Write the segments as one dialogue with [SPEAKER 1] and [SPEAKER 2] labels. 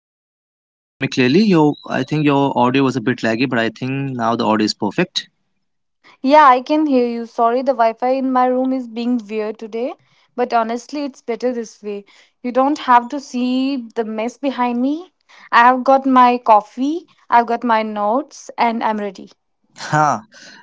[SPEAKER 1] recording. Can you hear me clearly? I think your audio was a bit laggy, but I think now the audio is perfect.
[SPEAKER 2] Yeah, I can hear you. Sorry, the Wi Fi in my room is being weird today, but honestly, it's better this way. You don't have to see the mess behind me. I have got my coffee, I've got my notes, and I'm ready.
[SPEAKER 1] Huh,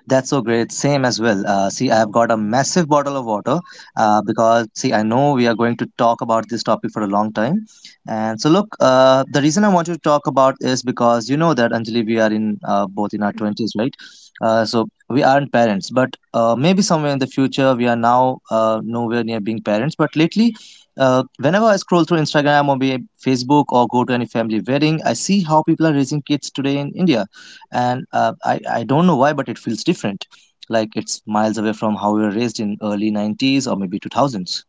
[SPEAKER 1] that's so great. Same as well. See, I have got a massive bottle of water because, see, I know we are going to talk about this topic for a long time. And so, look, the reason I want to talk about is because you know that, Anjali, we are in both in our 20s, right? We aren't parents, but maybe somewhere in the future, we are now nowhere near being parents. But lately, whenever I scroll through Instagram or be Facebook or go to any family wedding, I see how people are raising kids today in India and I don't know why, but it feels different, like it's miles away from how we were raised in early 90s or maybe 2000s.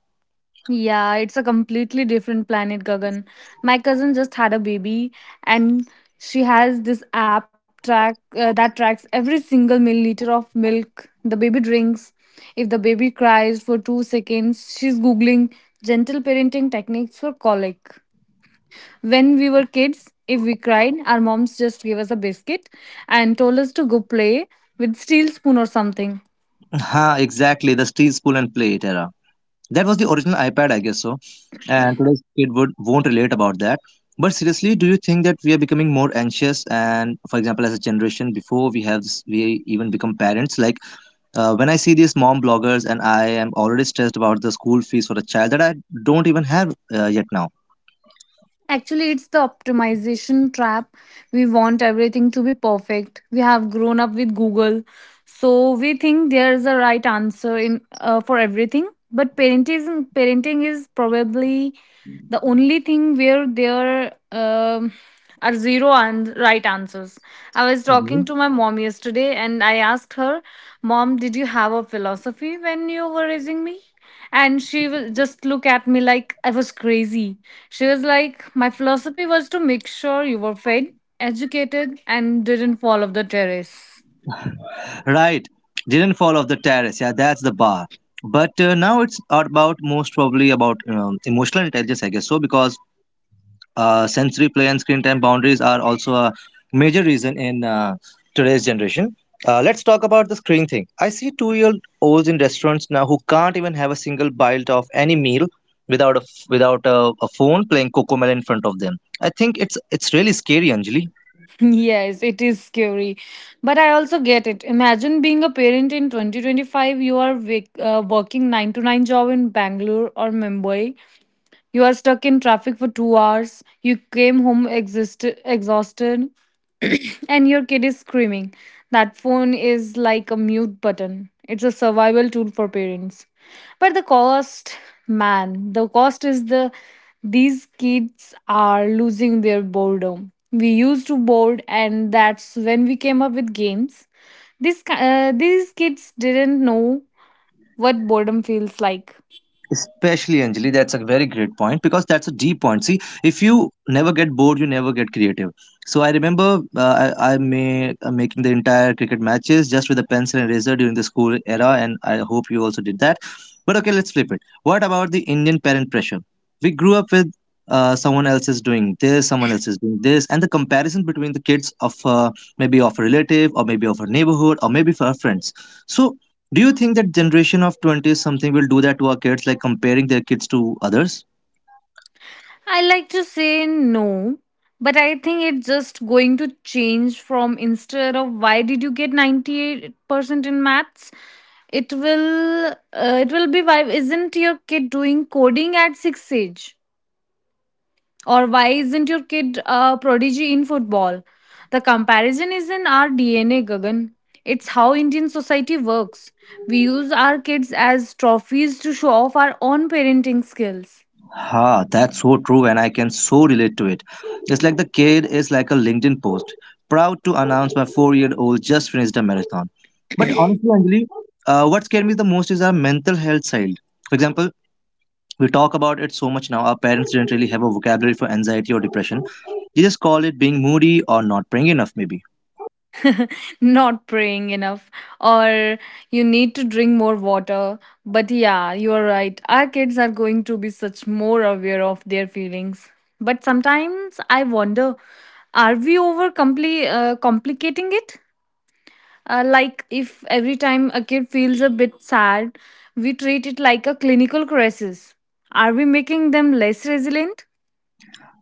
[SPEAKER 2] Yeah, it's a completely different planet, Gagan. My cousin just had a baby, and she has this app track that tracks every single milliliter of milk the baby drinks. If the baby cries for 2 seconds, she's googling gentle parenting techniques for colic. When we were kids, if we cried, our moms just gave us a biscuit and told us to go play with steel spoon or something.
[SPEAKER 1] Ha, exactly, the steel spoon and plate era. That was the original iPad, I guess so. And today's kid would won't relate about that. But seriously, do you think that we are becoming more anxious, and for example as a generation before we have this, we even become parents, like when I see these mom bloggers and I am already stressed about the school fees for a child that I don't even have yet now?
[SPEAKER 2] Actually, it's the optimization trap. We want everything to be perfect. We have grown up with Google, so we think there is a right answer in for everything. But parenting is probably the only thing where there are zero and right answers. I was talking to my mom yesterday, and I asked her, "Mom, did you have a philosophy when you were raising me?" And she will just look at me like I was crazy. She was like, my philosophy was to make sure you were fed, educated, and didn't fall off the terrace.
[SPEAKER 1] Right, didn't fall off the terrace. Yeah, that's the bar. But now it's about most probably about emotional intelligence, I guess so, because sensory play and screen time boundaries are also a major reason in today's generation. Let's talk about the screen thing. I see two-year-olds in restaurants now who can't even have a single bite of any meal without a phone playing Cocomelon in front of them. I think it's really scary, Anjali.
[SPEAKER 2] Yes, it is scary. But I also get it. Imagine being a parent in 2025, you are working 9 to 9 job in Bangalore or Mumbai. You are stuck in traffic for 2 hours. You came home exhausted, and your kid is screaming. That phone is like a mute button. It's a survival tool for parents. But the cost, man, the cost is the these kids are losing their boredom. We used to board, and that's when we came up with games. These kids didn't know what boredom feels like.
[SPEAKER 1] Especially Anjali, that's a very great point because that's a deep point. See, if you never get bored, you never get creative. So I remember I made making the entire cricket matches just with a pencil and eraser during the school era, and I hope you also did that. But okay, let's flip it. What about the Indian parent pressure? We grew up with someone else is doing this, someone else is doing this, and the comparison between the kids of maybe of a relative or maybe of a neighborhood or maybe for our friends. So do you think that generation of 20 something will do that to our kids, like comparing their kids to others?
[SPEAKER 2] I like to say no, but I think it's just going to change from instead of why did you get 98% in maths? It will uh, it will be why isn't your kid doing coding at 6 age or why isn't your kid a prodigy in football? The comparison is in our DNA, Gagan. It's how Indian society works. We use our kids as trophies to show off our own parenting skills.
[SPEAKER 1] Ha, that's so true, and I can so relate to it. It's like the kid is like a LinkedIn post. Proud to announce my 4 year old just finished a marathon. But honestly, Anjali, what scared me the most is our mental health side. For example, we talk about it so much now, our parents didn't really have a vocabulary for anxiety or depression. They just call it being moody or not praying enough, maybe.
[SPEAKER 2] Not praying enough, or you need to drink more water. But yeah, you are right, our kids are going to be such more aware of their feelings. But sometimes I wonder, are we over complicating it? Uh, like if every time a kid feels a bit sad we treat it like a clinical crisis, are we making them less resilient?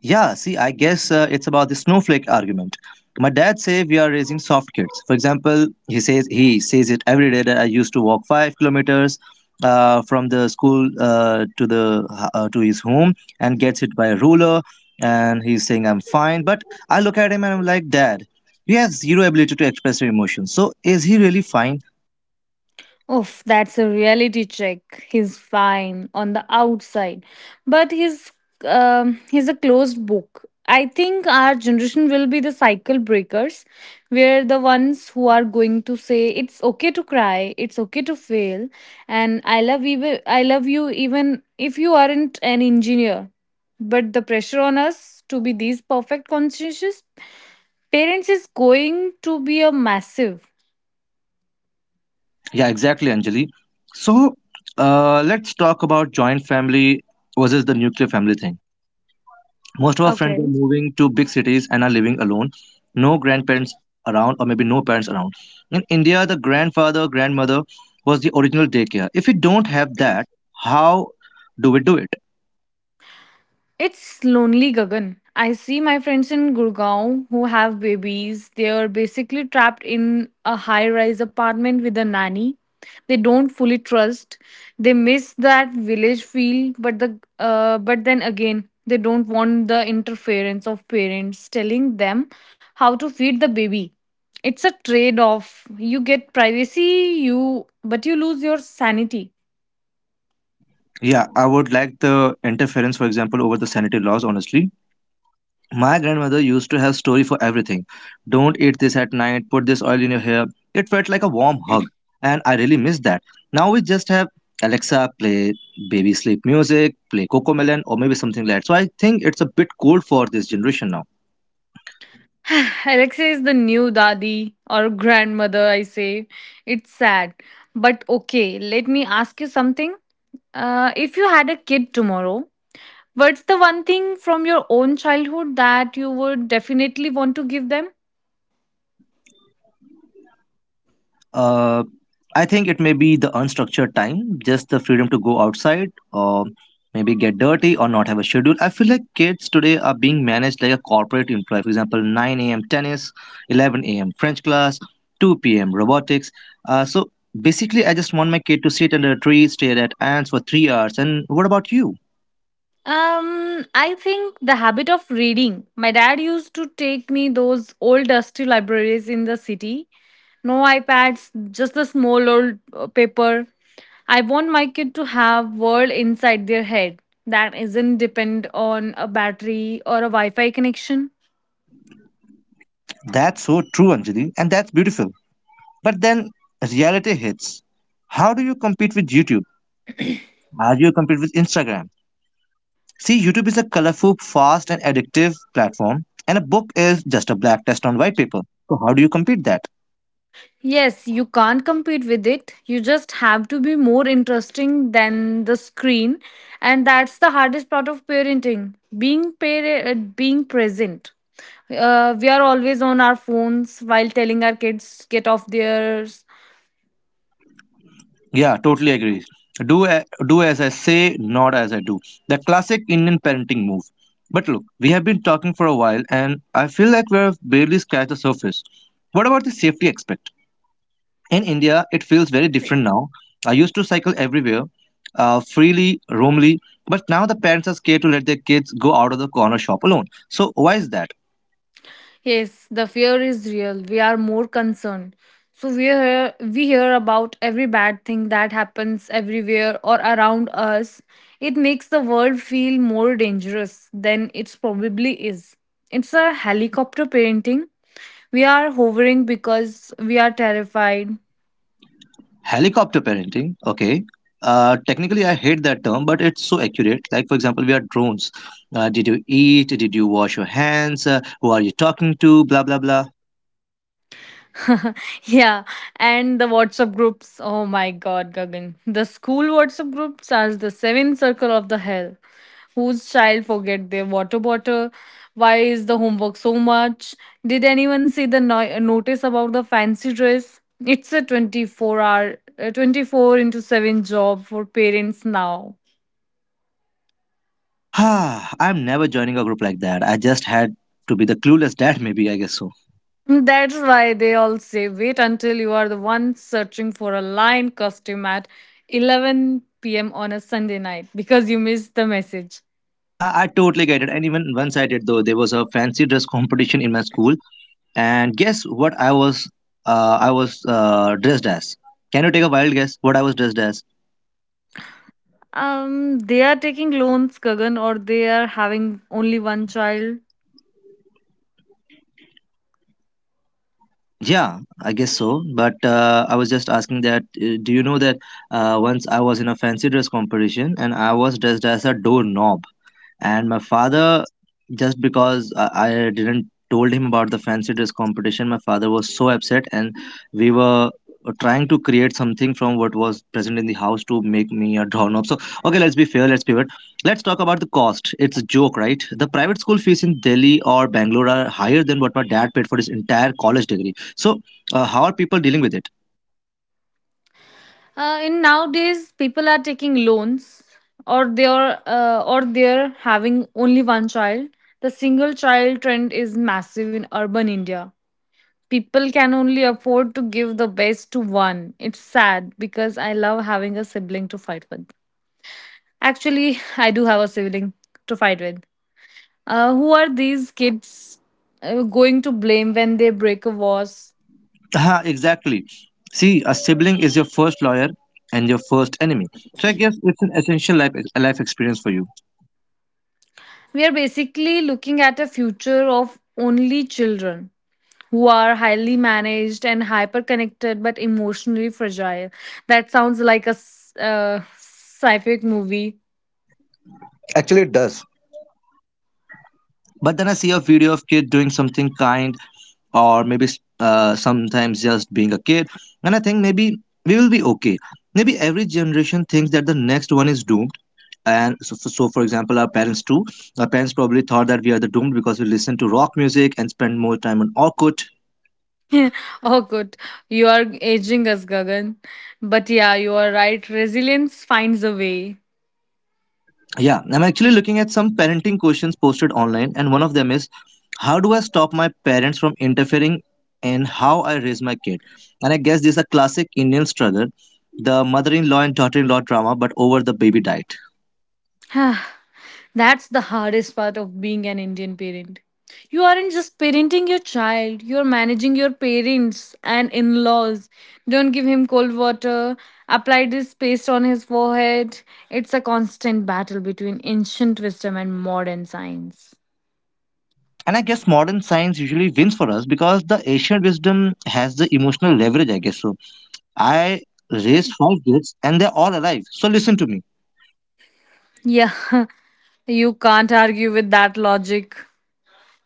[SPEAKER 1] Yeah, see, I guess it's about the snowflake argument. My dad says we are raising soft kids. For example, he says it every day that I used to walk 5 kilometers from the school to his home and gets it by a ruler. And he's saying I'm fine, but I look at him and I'm like, Dad, you have zero ability to express your emotions. So is he really fine?
[SPEAKER 2] Oof, that's a reality check. He's fine on the outside, but he's a closed book. I think our generation will be the cycle breakers. We're the ones who are going to say it's okay to cry, it's okay to fail, and I love you even if you aren't an engineer. But the pressure on us to be these perfect conscientious parents is going to be a massive.
[SPEAKER 1] Yeah, exactly, Anjali. So let's talk about joint family versus the nuclear family thing. Most of our friends are
[SPEAKER 2] Okay.
[SPEAKER 1] moving to big cities and are living alone. No grandparents around, or maybe no parents around. In India, the grandfather, grandmother was the original daycare. If we don't have that, how do we do it?
[SPEAKER 2] It's lonely, Gagan. I see my friends in Gurgaon who have babies. They are basically trapped in a high rise apartment with a nanny. They don't fully trust. They miss that village feel, but then again, they don't want the interference of parents telling them how to feed the baby. It's a trade-off. You get privacy, you but you lose your sanity.
[SPEAKER 1] Yeah, I would like the interference, for example, over the sanitary laws, honestly. My grandmother used to have story for everything. Don't eat this at night, put this oil in your hair. It felt like a warm hug, and I really miss that. Now we just have Alexa play baby sleep music, play Cocomelon, or maybe something like that. So I think it's a bit cold for this generation now.
[SPEAKER 2] Alexa is the new daddy or grandmother, I say. It's sad. But okay, let me ask you something. If you had a kid tomorrow, what's the one thing from your own childhood that you would definitely want to give them?
[SPEAKER 1] Uh, I think it may be the unstructured time, just the freedom to go outside or maybe get dirty or not have a schedule. I feel like kids today are being managed like a corporate employee. For example, 9 a.m. tennis, 11 a.m. French class, 2 p.m. robotics. Uh, so Basically, I just want my kid to sit under a tree, stare at ants for 3 hours. And what about you?
[SPEAKER 2] I think the habit of reading. My dad used to take me those old dusty libraries in the city. No iPads, just the small old paper. I want my kid to have world inside their head that isn't depend on a battery or a Wi-Fi connection.
[SPEAKER 1] That's so true, Anjali, and that's beautiful. But then reality hits. How do you compete with YouTube? How do you compete with Instagram? See, YouTube is a colorful, fast, and addictive platform, and a book is just a black text on white paper. So, how do you compete that?
[SPEAKER 2] Yes, you can't compete with it. You just have to be more interesting than the screen, and that's the hardest part of parenting. Being being present. We are always on our phones while telling our kids get off there.
[SPEAKER 1] Yeah, totally agree. Do as I say, not as I do. The classic Indian parenting move. But look, we have been talking for a while, and I feel like we have barely scratched the surface. What about the safety aspect? In India, it feels very different now. I used to cycle everywhere, freely, roamly, but now the parents are scared to let their kids go out of the corner shop alone. So why is that?
[SPEAKER 2] Yes, the fear is real. We are more concerned. So we hear about every bad thing that happens everywhere or around us. It makes the world feel more dangerous than it probably is. It's a helicopter parenting. We are hovering because we are terrified.
[SPEAKER 1] Helicopter parenting. Okay. Technically, I hate that term, but it's so accurate. Like, for example, we are drones. Did you eat? Did you wash your hands? Who are you talking to? Blah, blah, blah.
[SPEAKER 2] Yeah, and the WhatsApp groups. Oh my god, Gagan. The school WhatsApp groups are the seventh circle of the hell. Whose child forget their water bottle? Why is the homework so much? Did anyone see the notice about the fancy dress? It's a 24 hour, 24 into 7 job for parents now.
[SPEAKER 1] Ah, I'm never joining a group like that. I just had to be the clueless dad, maybe, I guess so.
[SPEAKER 2] That's why they all say wait until you are the one searching for a lion costume at 11 p.m. on a Sunday night because you missed the message.
[SPEAKER 1] I totally get it. And even once I did, though, there was a fancy dress competition in my school. And guess what I was dressed as? Can you take a wild guess what I was dressed as?
[SPEAKER 2] They are taking loans, Kagan, or they are having only one child.
[SPEAKER 1] Yeah, I guess so. But I was just asking that do you know that once I was in a fancy dress competition and I was dressed as a doorknob, and my father, just because I didn't told him about the fancy dress competition, my father was so upset, and we were trying to create something from what was present in the house to make me a drawn up. So okay, let's be fair, let's pivot, let's talk about the cost. It's a joke, right? The private school fees in Delhi or Bangalore are higher than what my dad paid for his entire college degree. So how are people dealing with it?
[SPEAKER 2] In nowadays, people are taking loans, or they're having only one child. The single child trend is massive in urban India. People can only afford to give the best to one. It's sad because I love having a sibling to fight with. Actually, I do have a sibling to fight with. Who are these kids going to blame when they break a vase?
[SPEAKER 1] Ah, exactly. See, a sibling is your first lawyer and your first enemy. So I guess it's an essential life experience for you.
[SPEAKER 2] We are basically looking at a future of only children who are highly managed and hyper connected but emotionally fragile. That sounds like a sci-fi movie.
[SPEAKER 1] Actually, it does. But then I see a video of kid doing something kind, or maybe sometimes just being a kid, and I think maybe we will be okay. Maybe every generation thinks that the next one is doomed, and so for example, our parents too. Our parents probably thought that we are the doomed because we listen to rock music and spend more time on Orkut.
[SPEAKER 2] Oh, good. You are aging us, Gagan. But yeah, you are right. Resilience finds a way.
[SPEAKER 1] Yeah, I'm actually looking at some parenting questions posted online, and one of them is, how do I stop my parents from interfering in how I raise my kid? And I guess this is a classic Indian struggle, the mother in law and daughter in law drama, but over the baby diet.
[SPEAKER 2] That's the hardest part of being an Indian parent. You aren't just parenting your child, you're managing your parents and in laws. Don't give him cold water, apply this paste on his forehead. It's a constant battle between ancient wisdom and modern science.
[SPEAKER 1] And I guess modern science usually wins for us because the ancient wisdom has the emotional leverage, I guess so. I raised 5 kids and they're all alive. So listen to me.
[SPEAKER 2] Yeah, you can't argue with that logic.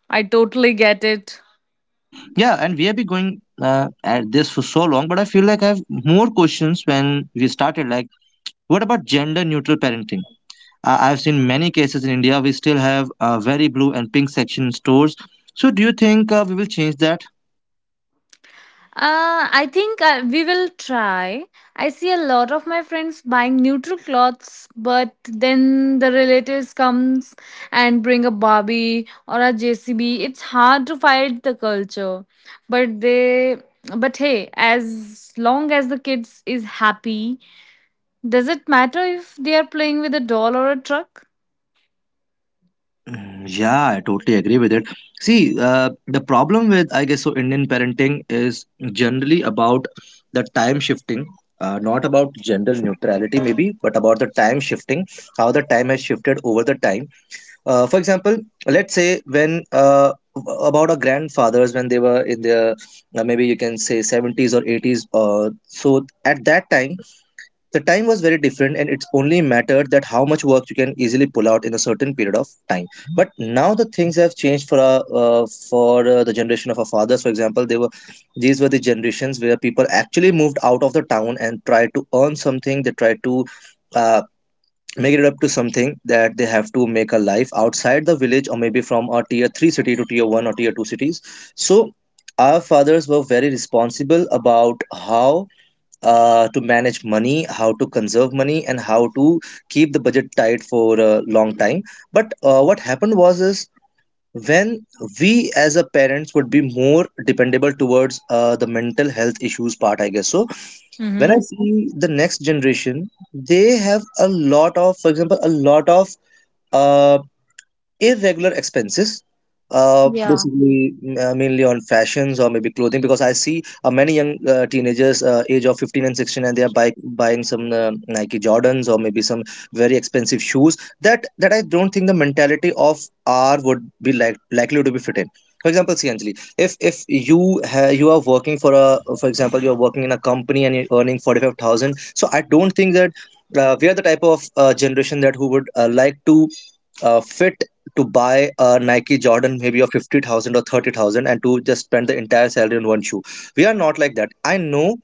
[SPEAKER 2] I totally get it.
[SPEAKER 1] Yeah, and we have been going at this for so long, but I feel like I have more questions when we started, like, what about gender neutral parenting? I've seen many cases in India. We still have very blue and pink section in stores. So, do you think we will change that?
[SPEAKER 2] I think we will try. I see a lot of my friends buying neutral clothes, but then the relatives comes and bring a Barbie or a JCB. It's hard to fight the culture, but they. But hey, as long as the kids is happy, does it matter if they are playing with a doll or a truck?
[SPEAKER 1] Mm, yeah, I totally agree with it. See, the problem with, I guess, so Indian parenting is generally about the time shifting, not about gender neutrality, maybe, but about the time shifting, how the time has shifted over the time. For example, let's say when about our grandfathers when they were in their maybe you can say 70s or 80s. So at that time, the time was very different, and it's only mattered that how much work you can easily pull out in a certain period of time. But now the things have changed for the generation of our fathers. For example, they were these were the generations where people actually moved out of the town and tried to earn something. They tried to uh, make it up to something, that they have to make a life outside the village or maybe from a tier 3 city to tier 1 or tier 2 cities. So our fathers were very responsible about how to manage money, how to conserve money, and how to keep the budget tight for a long time. But what happened was is, when we as a parents would be more dependable towards the mental health issues part, I guess so. When I
[SPEAKER 2] Mm-hmm.
[SPEAKER 1] see the next generation, they have a lot of, for example, a lot of uh, irregular expenses,
[SPEAKER 2] Yeah.
[SPEAKER 1] basically, mainly on fashions or maybe clothing, because I see many young teenagers age of 15 and 16, and they are buying some Nike Jordans or maybe some very expensive shoes that I don't think the mentality of R would be likely to be fit in. For example, see, Anjali, if you you are working for a, for example, you are working in a company and you're earning 45,000, so I don't think that we are the type of generation that who would like to fit to buy a Nike Jordan, maybe of 50,000 or 30,000, and to just spend the entire salary on one shoe. We are not like that. I know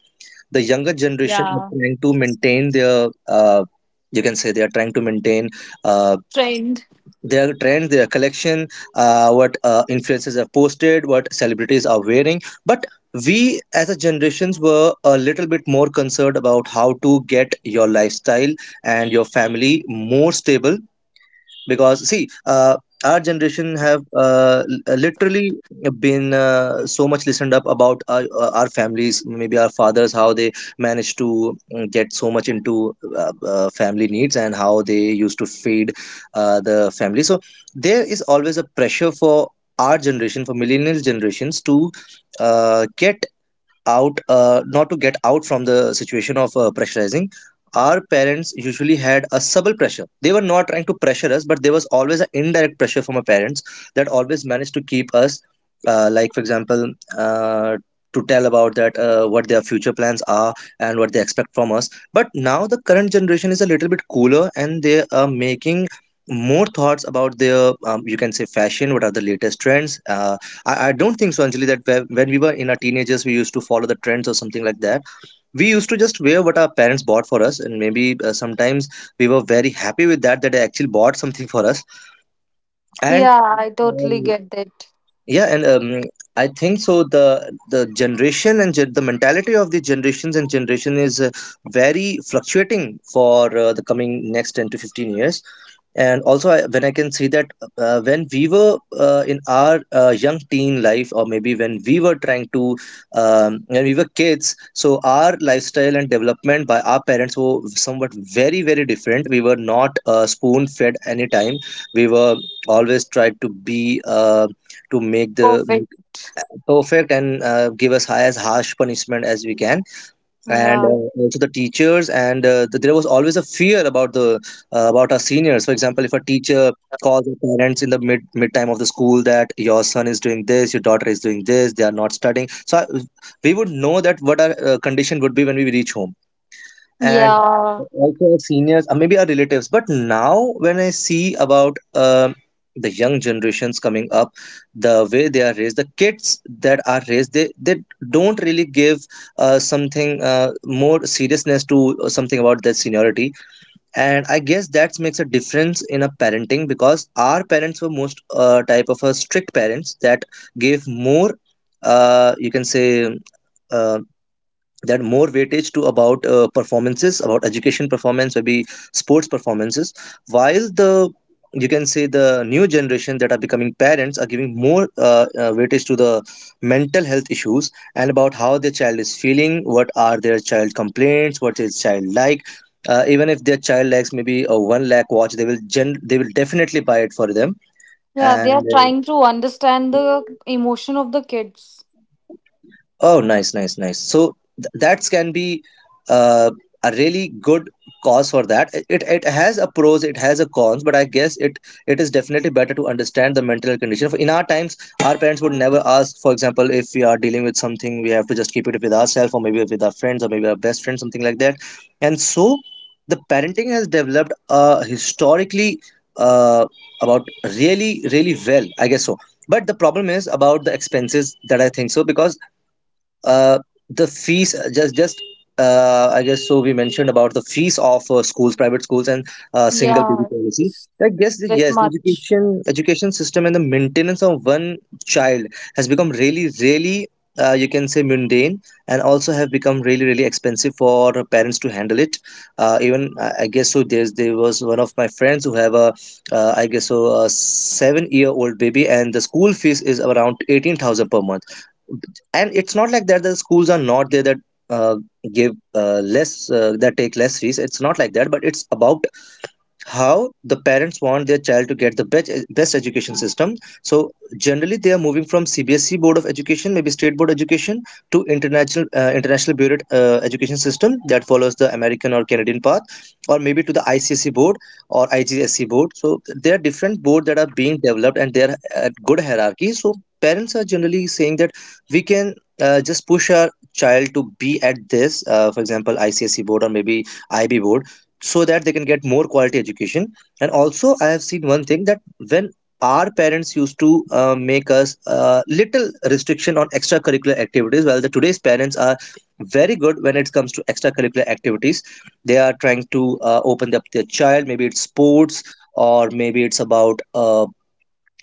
[SPEAKER 1] the younger
[SPEAKER 2] Yeah.
[SPEAKER 1] generation are trying to maintain their, you can say they are trying to maintain uh,
[SPEAKER 2] Trained.
[SPEAKER 1] their trend, their collection, what influencers have posted, what celebrities are wearing. But we as a generations were a little bit more concerned about how to get your lifestyle and your family more stable, because see, our generation have literally been so much listened up about our families, maybe our fathers, how they managed to get so much into family needs, and how they used to feed the family. So there is always a pressure for our generation, for millennial generations, to get out, not to get out from the situation of pressurizing. Our parents usually had a subtle pressure. They were not trying to pressure us, but there was always an indirect pressure from our parents that always managed to keep us like, for example, uh, to tell about that what their future plans are and what they expect from us. But now the current generation is a little bit cooler, and they are making more thoughts about their you can say, fashion, what are the latest trends. I don't think so, Anjali, that when we were in our teenagers, we used to follow the trends or something like that. We used to just wear what our parents bought for us, and maybe sometimes we were very happy with that, that they actually bought something for us. And
[SPEAKER 2] Yeah, I totally
[SPEAKER 1] um,
[SPEAKER 2] get that.
[SPEAKER 1] yeah. And, I think so, the generation and the mentality of the generations and generation is very fluctuating for the coming next 10 to 15 years. And also, when I can see that when we were in our young teen life, or maybe when we were trying to, when we were kids, so our lifestyle and development by our parents were somewhat very, very different. We were not spoon fed anytime. We were always tried to be to make the
[SPEAKER 2] Perfect.
[SPEAKER 1] perfect, and give us as harsh punishment as we can. And
[SPEAKER 2] Yeah.
[SPEAKER 1] also the teachers, and there was always a fear about the, about our seniors. For example, if a teacher calls the parents in the mid time of the school that your son is doing this, your daughter is doing this, they are not studying, so we would know that what our condition would be when we reach home. And
[SPEAKER 2] Yeah.
[SPEAKER 1] also our seniors or maybe our relatives. But now when I see about the young generations coming up, the way they are raised, the kids that are raised, they don't really give something, more seriousness to something about their seniority. And I guess that makes a difference in a parenting, because our parents were most type of a strict parents that gave more, you can say, uh, that more weightage to about performances, about education performance, maybe sports performances, while the, you can say, the new generation that are becoming parents are giving more weightage to the mental health issues, and about how their child is feeling, what are their child complaints, what is child like, even if their child likes maybe a one lakh watch, they will definitely buy it for them.
[SPEAKER 2] Yeah, they are
[SPEAKER 1] And
[SPEAKER 2] trying to understand the emotion of the kids.
[SPEAKER 1] oh, nice, nice, nice. That can be uh, a really good cause for that. It has a pros, it has a cons, but I guess it is definitely better to understand the mental condition. In our times, our parents would never ask, for example, if we are dealing with something, we have to just keep it with ourselves, or maybe with our friends, or maybe our best friend, something like that. And so the parenting has developed historically, uh, about, really, really well, I guess so. But the problem is about the expenses, that I think so, because uh, the fees, just I guess so, we mentioned about the fees of schools, private schools, and single baby
[SPEAKER 2] Yeah,
[SPEAKER 1] policy.
[SPEAKER 2] it's
[SPEAKER 1] I guess that,
[SPEAKER 2] a bit
[SPEAKER 1] yes, the
[SPEAKER 2] much.
[SPEAKER 1] education system and the maintenance of one child has become really, really, you can say, mundane, and also have become really, really expensive for parents to handle it. Even I guess so, there was one of my friends who have a, a 7-year-old baby, and the school fees is around 18,000 per month. And it's not like that the schools are not there, that uh, give less, that take less fees. It's not like that, but it's about how the parents want their child to get the best, best education system. So generally they are moving from CBSE board of education, maybe state board education, to international, bureau education system, that follows the American or Canadian path, or maybe to the ICSE board, or IGSE board. So there are different boards that are being developed, and they are at good hierarchy. So parents are generally saying that we can, just push our child to be at this, for example, ICSE board, or maybe IB board, so that they can get more quality education. And also I have seen one thing, that when our parents used to make us little restriction on extracurricular activities, well, the today's parents are very good when it comes to extracurricular activities. They are trying to open up their child, maybe it's sports, or maybe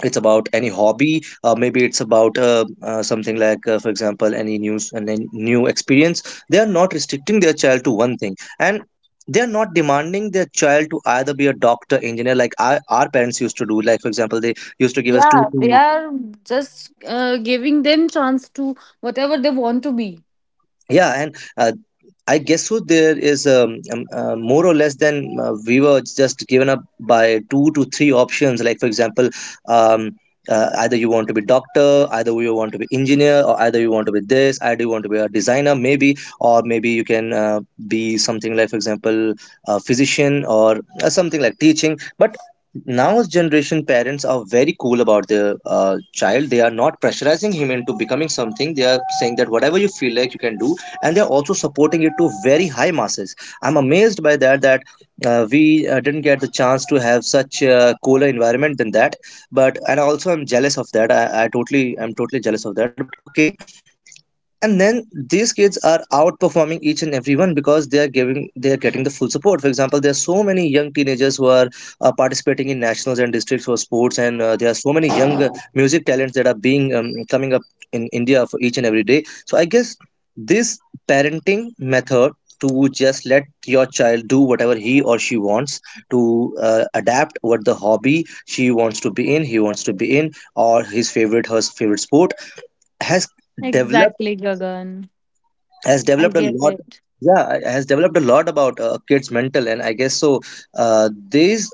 [SPEAKER 1] it's about any hobby, maybe it's about something like, for example, any news and any new experience. They are not restricting their child to one thing, and they are not demanding their child to either be a doctor, engineer, like, our parents used to do, like, for example, they used to give us two
[SPEAKER 2] Yeah, they
[SPEAKER 1] three,
[SPEAKER 2] are just giving them chance to whatever they want to be.
[SPEAKER 1] yeah. And I guess who there is more or less than, we were just given up by two to three options. Like, for example, um, either you want to be doctor, either you want to be engineer, or either you want to be this, either you want to be a designer, maybe, or maybe you can be something, like, for example, a physician, or something like teaching. But now's generation parents are very cool about their child. They are not pressurizing him into becoming something. They are saying that whatever you feel like you can do, and they're also supporting it to very high masses. I'm amazed by that we didn't get the chance to have such a cooler environment than that. But and also I'm jealous of that. I'm totally jealous of that, but okay. And then these kids are outperforming each and everyone because they are getting the full support. For example, there are so many young teenagers who are participating in nationals and districts for sports, and there are so many young music talents that are being coming up in India for each and every day. So I guess this parenting method to just let your child do whatever he or she wants to adapt, what the hobby she wants to be in he wants to be in, or his favorite her favorite sport, has developed
[SPEAKER 2] Exactly, Gagan.
[SPEAKER 1] has
[SPEAKER 2] I
[SPEAKER 1] developed a
[SPEAKER 2] get
[SPEAKER 1] lot.
[SPEAKER 2] it.
[SPEAKER 1] Yeah, has developed a lot about kids mental, and I guess so uh, these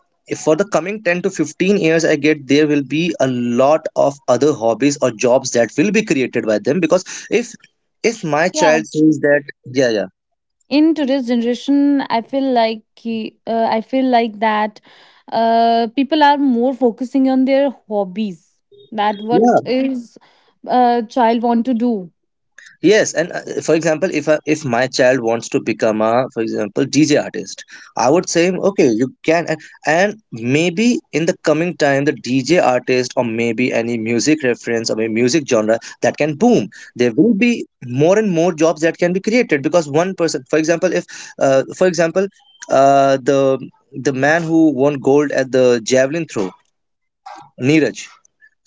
[SPEAKER 1] for the coming 10 to 15 years, I get there will be a lot of other hobbies or jobs that will be created by them. Because if if my
[SPEAKER 2] Yeah,
[SPEAKER 1] child
[SPEAKER 2] t-
[SPEAKER 1] says that, yeah, yeah.
[SPEAKER 2] In today's generation, I feel like I feel like that people are more focusing on their hobbies. That what
[SPEAKER 1] Yeah,
[SPEAKER 2] is child want to do.
[SPEAKER 1] yes, and for example, if my child wants to become a, for example, DJ artist, I would say okay, you can. And maybe in the coming time, the DJ artist, or maybe any music reference, or maybe music genre, that can boom. There will be more and more jobs that can be created because one person, for example, if, for example, uh, the the man who won gold at the javelin throw, Neeraj.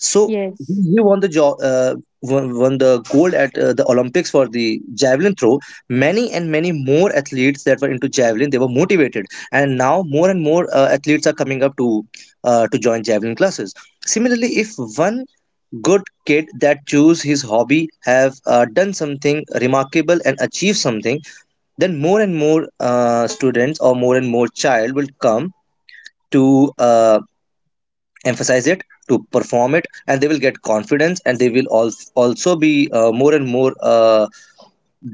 [SPEAKER 1] So he
[SPEAKER 2] Yes.
[SPEAKER 1] he won the job, won the gold at the Olympics for the javelin throw. Many and many more athletes that were into javelin, they were motivated, and now more and more athletes are coming up to join javelin classes. Similarly, if one good kid that choose his hobby have done something remarkable and achieved something, then more and more students or more and more child will come to emphasize it, to perform it, and they will get confidence, and they will also be more and more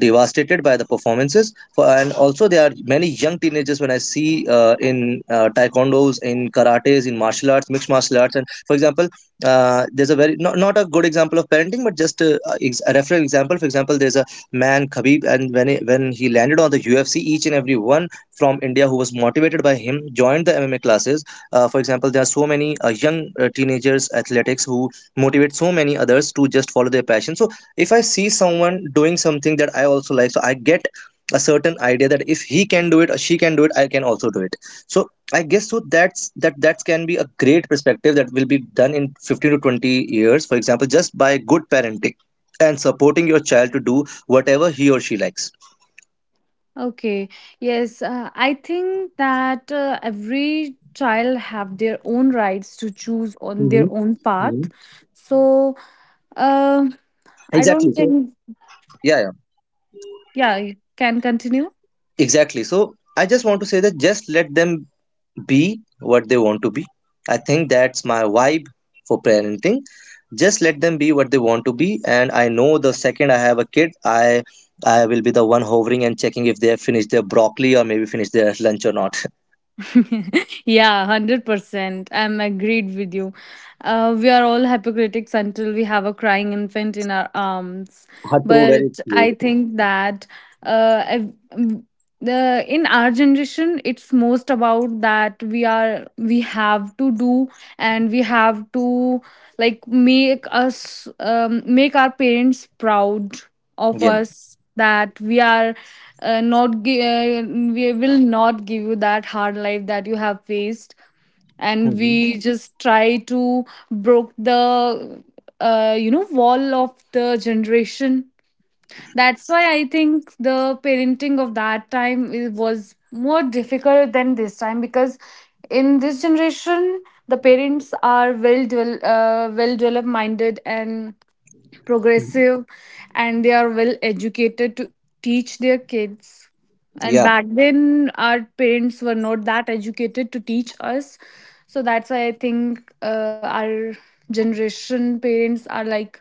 [SPEAKER 1] devastated by the performances for. And also there are many young teenagers when I see in taekwondos, in karates, in martial arts, mixed martial arts. And for example, there's a very not a good example of parenting, but just a, a reference example. For example, there's a man Khabib, and when he landed on the UFC, each and every one from India who was motivated by him joined the MMA classes. For example, there are so many young teenagers athletics who motivate so many others to just follow their passion. So if I see someone doing something that I also like, so I get a certain idea that if he can do it or she can do it, I can also do it. So I guess so, that's that can be a great perspective that will be done in 15 to 20 years, for example, just by good parenting and supporting your child to do whatever he or she likes.
[SPEAKER 2] Okay. Yes, I think that every child have their own rights to choose on their
[SPEAKER 1] Hmm.
[SPEAKER 2] own path.
[SPEAKER 1] Hmm.
[SPEAKER 2] So, uh, I don't
[SPEAKER 1] Exactly, so,
[SPEAKER 2] think
[SPEAKER 1] yeah.
[SPEAKER 2] yeah, you can continue.
[SPEAKER 1] Yeah, exactly, so I just want to say that just let them be what they want to be. I think that's my vibe for parenting, just let them be what they want to be. And I know the second I have a kid, I will be the one hovering and checking if they have finished their broccoli, or maybe finished their lunch or not.
[SPEAKER 2] Yeah, 100%. I'm agreed with you. We are all hypocritics until we have a crying infant in our arms.
[SPEAKER 1] Ah, true, very
[SPEAKER 2] But I
[SPEAKER 1] true.
[SPEAKER 2] think that uh, I've- mm, the in our generation it's most about that we are we have to do and we have to like make our parents proud of
[SPEAKER 1] Yeah.
[SPEAKER 2] us that we are not gi- we will not give you that hard life that you have faced and
[SPEAKER 1] Mhm.
[SPEAKER 2] we just try to broke the wall of the generation. That's why I think the parenting of that time was more difficult than this time because in this generation the parents are well developed minded and progressive and they are well educated to teach their kids, and
[SPEAKER 1] Yeah.
[SPEAKER 2] back then our parents were not that educated to teach us. So that's why I think our generation parents are like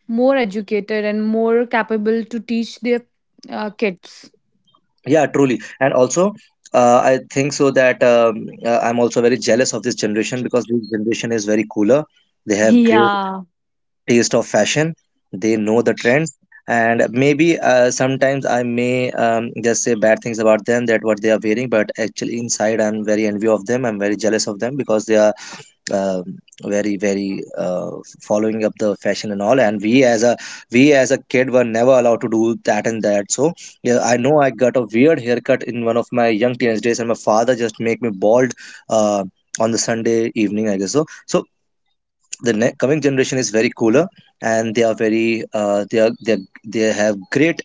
[SPEAKER 2] more educated and more capable to teach their kids.
[SPEAKER 1] Yeah, truly. And also, I think so that I'm also very jealous of this generation, because this generation is very cooler. They have great
[SPEAKER 2] Yeah.
[SPEAKER 1] taste of fashion. They know the trends. And maybe sometimes I may just say bad things about them, that what they are wearing, but actually inside I'm very envy of them, I'm very jealous of them, because they are um, very very following up the fashion and all. And we as a kid were never allowed to do that and that. So yeah, I know I got a weird haircut in one of my young teenage days, and my father just make me bald, uh, on the Sunday evening, I guess so. So the coming generation is very cooler, and they are very they have great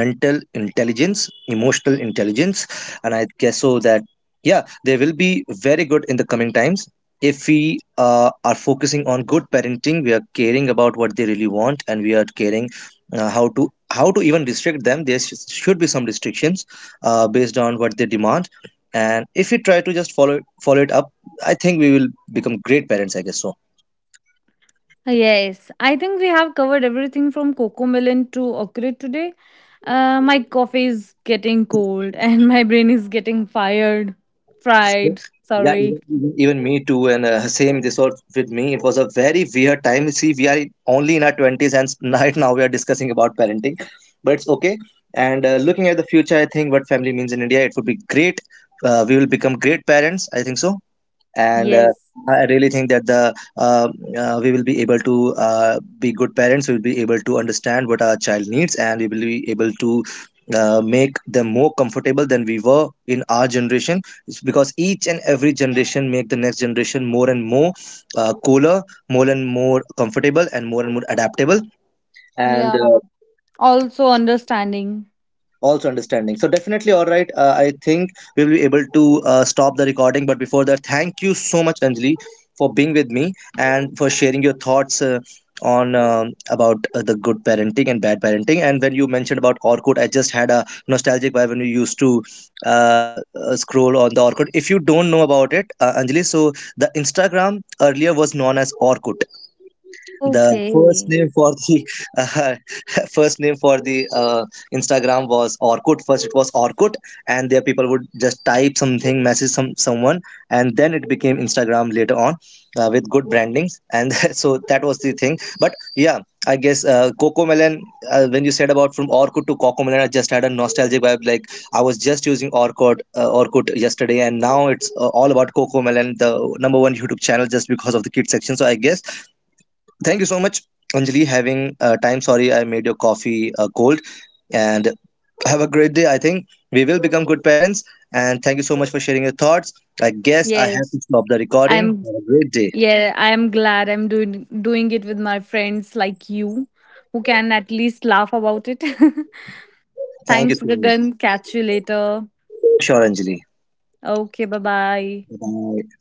[SPEAKER 1] mental intelligence, emotional intelligence. And I guess so that, yeah, they will be very good in the coming times. If we are focusing on good parenting, we are caring about what they really want, and we are caring how to even restrict them. There should be some restrictions based on what they demand. And if we try to just follow it up, I think we will become great parents, I guess so.
[SPEAKER 2] Yes, I think we have covered everything from cocoa Melon to Oculate today. My coffee is getting cold and my brain is getting fired. Fried,
[SPEAKER 1] Yeah,
[SPEAKER 2] sorry.
[SPEAKER 1] even even me too. And same this was with me. It was a very weird time. See, we are only in our twenties, and right now we are discussing about parenting, but it's okay. And looking at the future, I think what family means in India, it would be great. We will become great parents, I think so. And
[SPEAKER 2] Yes.
[SPEAKER 1] I really think that the we will be able to be good parents. We will be able to understand what our child needs, and we will be able to make them more comfortable than we were in our generation. It's because each and every generation make the next generation more and more cooler, more and more comfortable, and more adaptable. And
[SPEAKER 2] Yeah. Also understanding.
[SPEAKER 1] also understanding. So definitely, all right, I think we will be able to stop the recording. But before that, thank you so much, Anjali, for being with me and for sharing your thoughts on about the good parenting and bad parenting. And when you mentioned about Orkut, I just had a nostalgic vibe when we used to scroll on the Orkut. If you don't know about it, Anjali, so the Instagram earlier was known as Orkut. The
[SPEAKER 2] Okay.
[SPEAKER 1] first name for the uh, first name for the Instagram was Orkut. First it was Orkut, and there people would just type something, message someone, and then it became Instagram later on, with good brandings. And so that was the thing. But yeah, I guess Coco Melon. When you said about from Orkut to Coco Melon, I just had a nostalgic vibe. Like I was just using Orkut, yesterday, and now it's all about Coco Melon, the number one YouTube channel, just because of the kids section. So I guess, thank you so much, Anjali, having time. Sorry, I made your coffee cold. And have a great day. I think we will become good parents. And thank you so much for sharing your thoughts. I guess I have
[SPEAKER 2] Yes.
[SPEAKER 1] to stop the recording.
[SPEAKER 2] I'm
[SPEAKER 1] Have a great day.
[SPEAKER 2] yeah, I'm glad I'm doing it with my friends like you who can at least laugh about it.
[SPEAKER 1] Thank you
[SPEAKER 2] Thanks,
[SPEAKER 1] so much.
[SPEAKER 2] Gagan. Catch you later.
[SPEAKER 1] Sure, Anjali.
[SPEAKER 2] Okay, bye-bye.
[SPEAKER 1] Bye.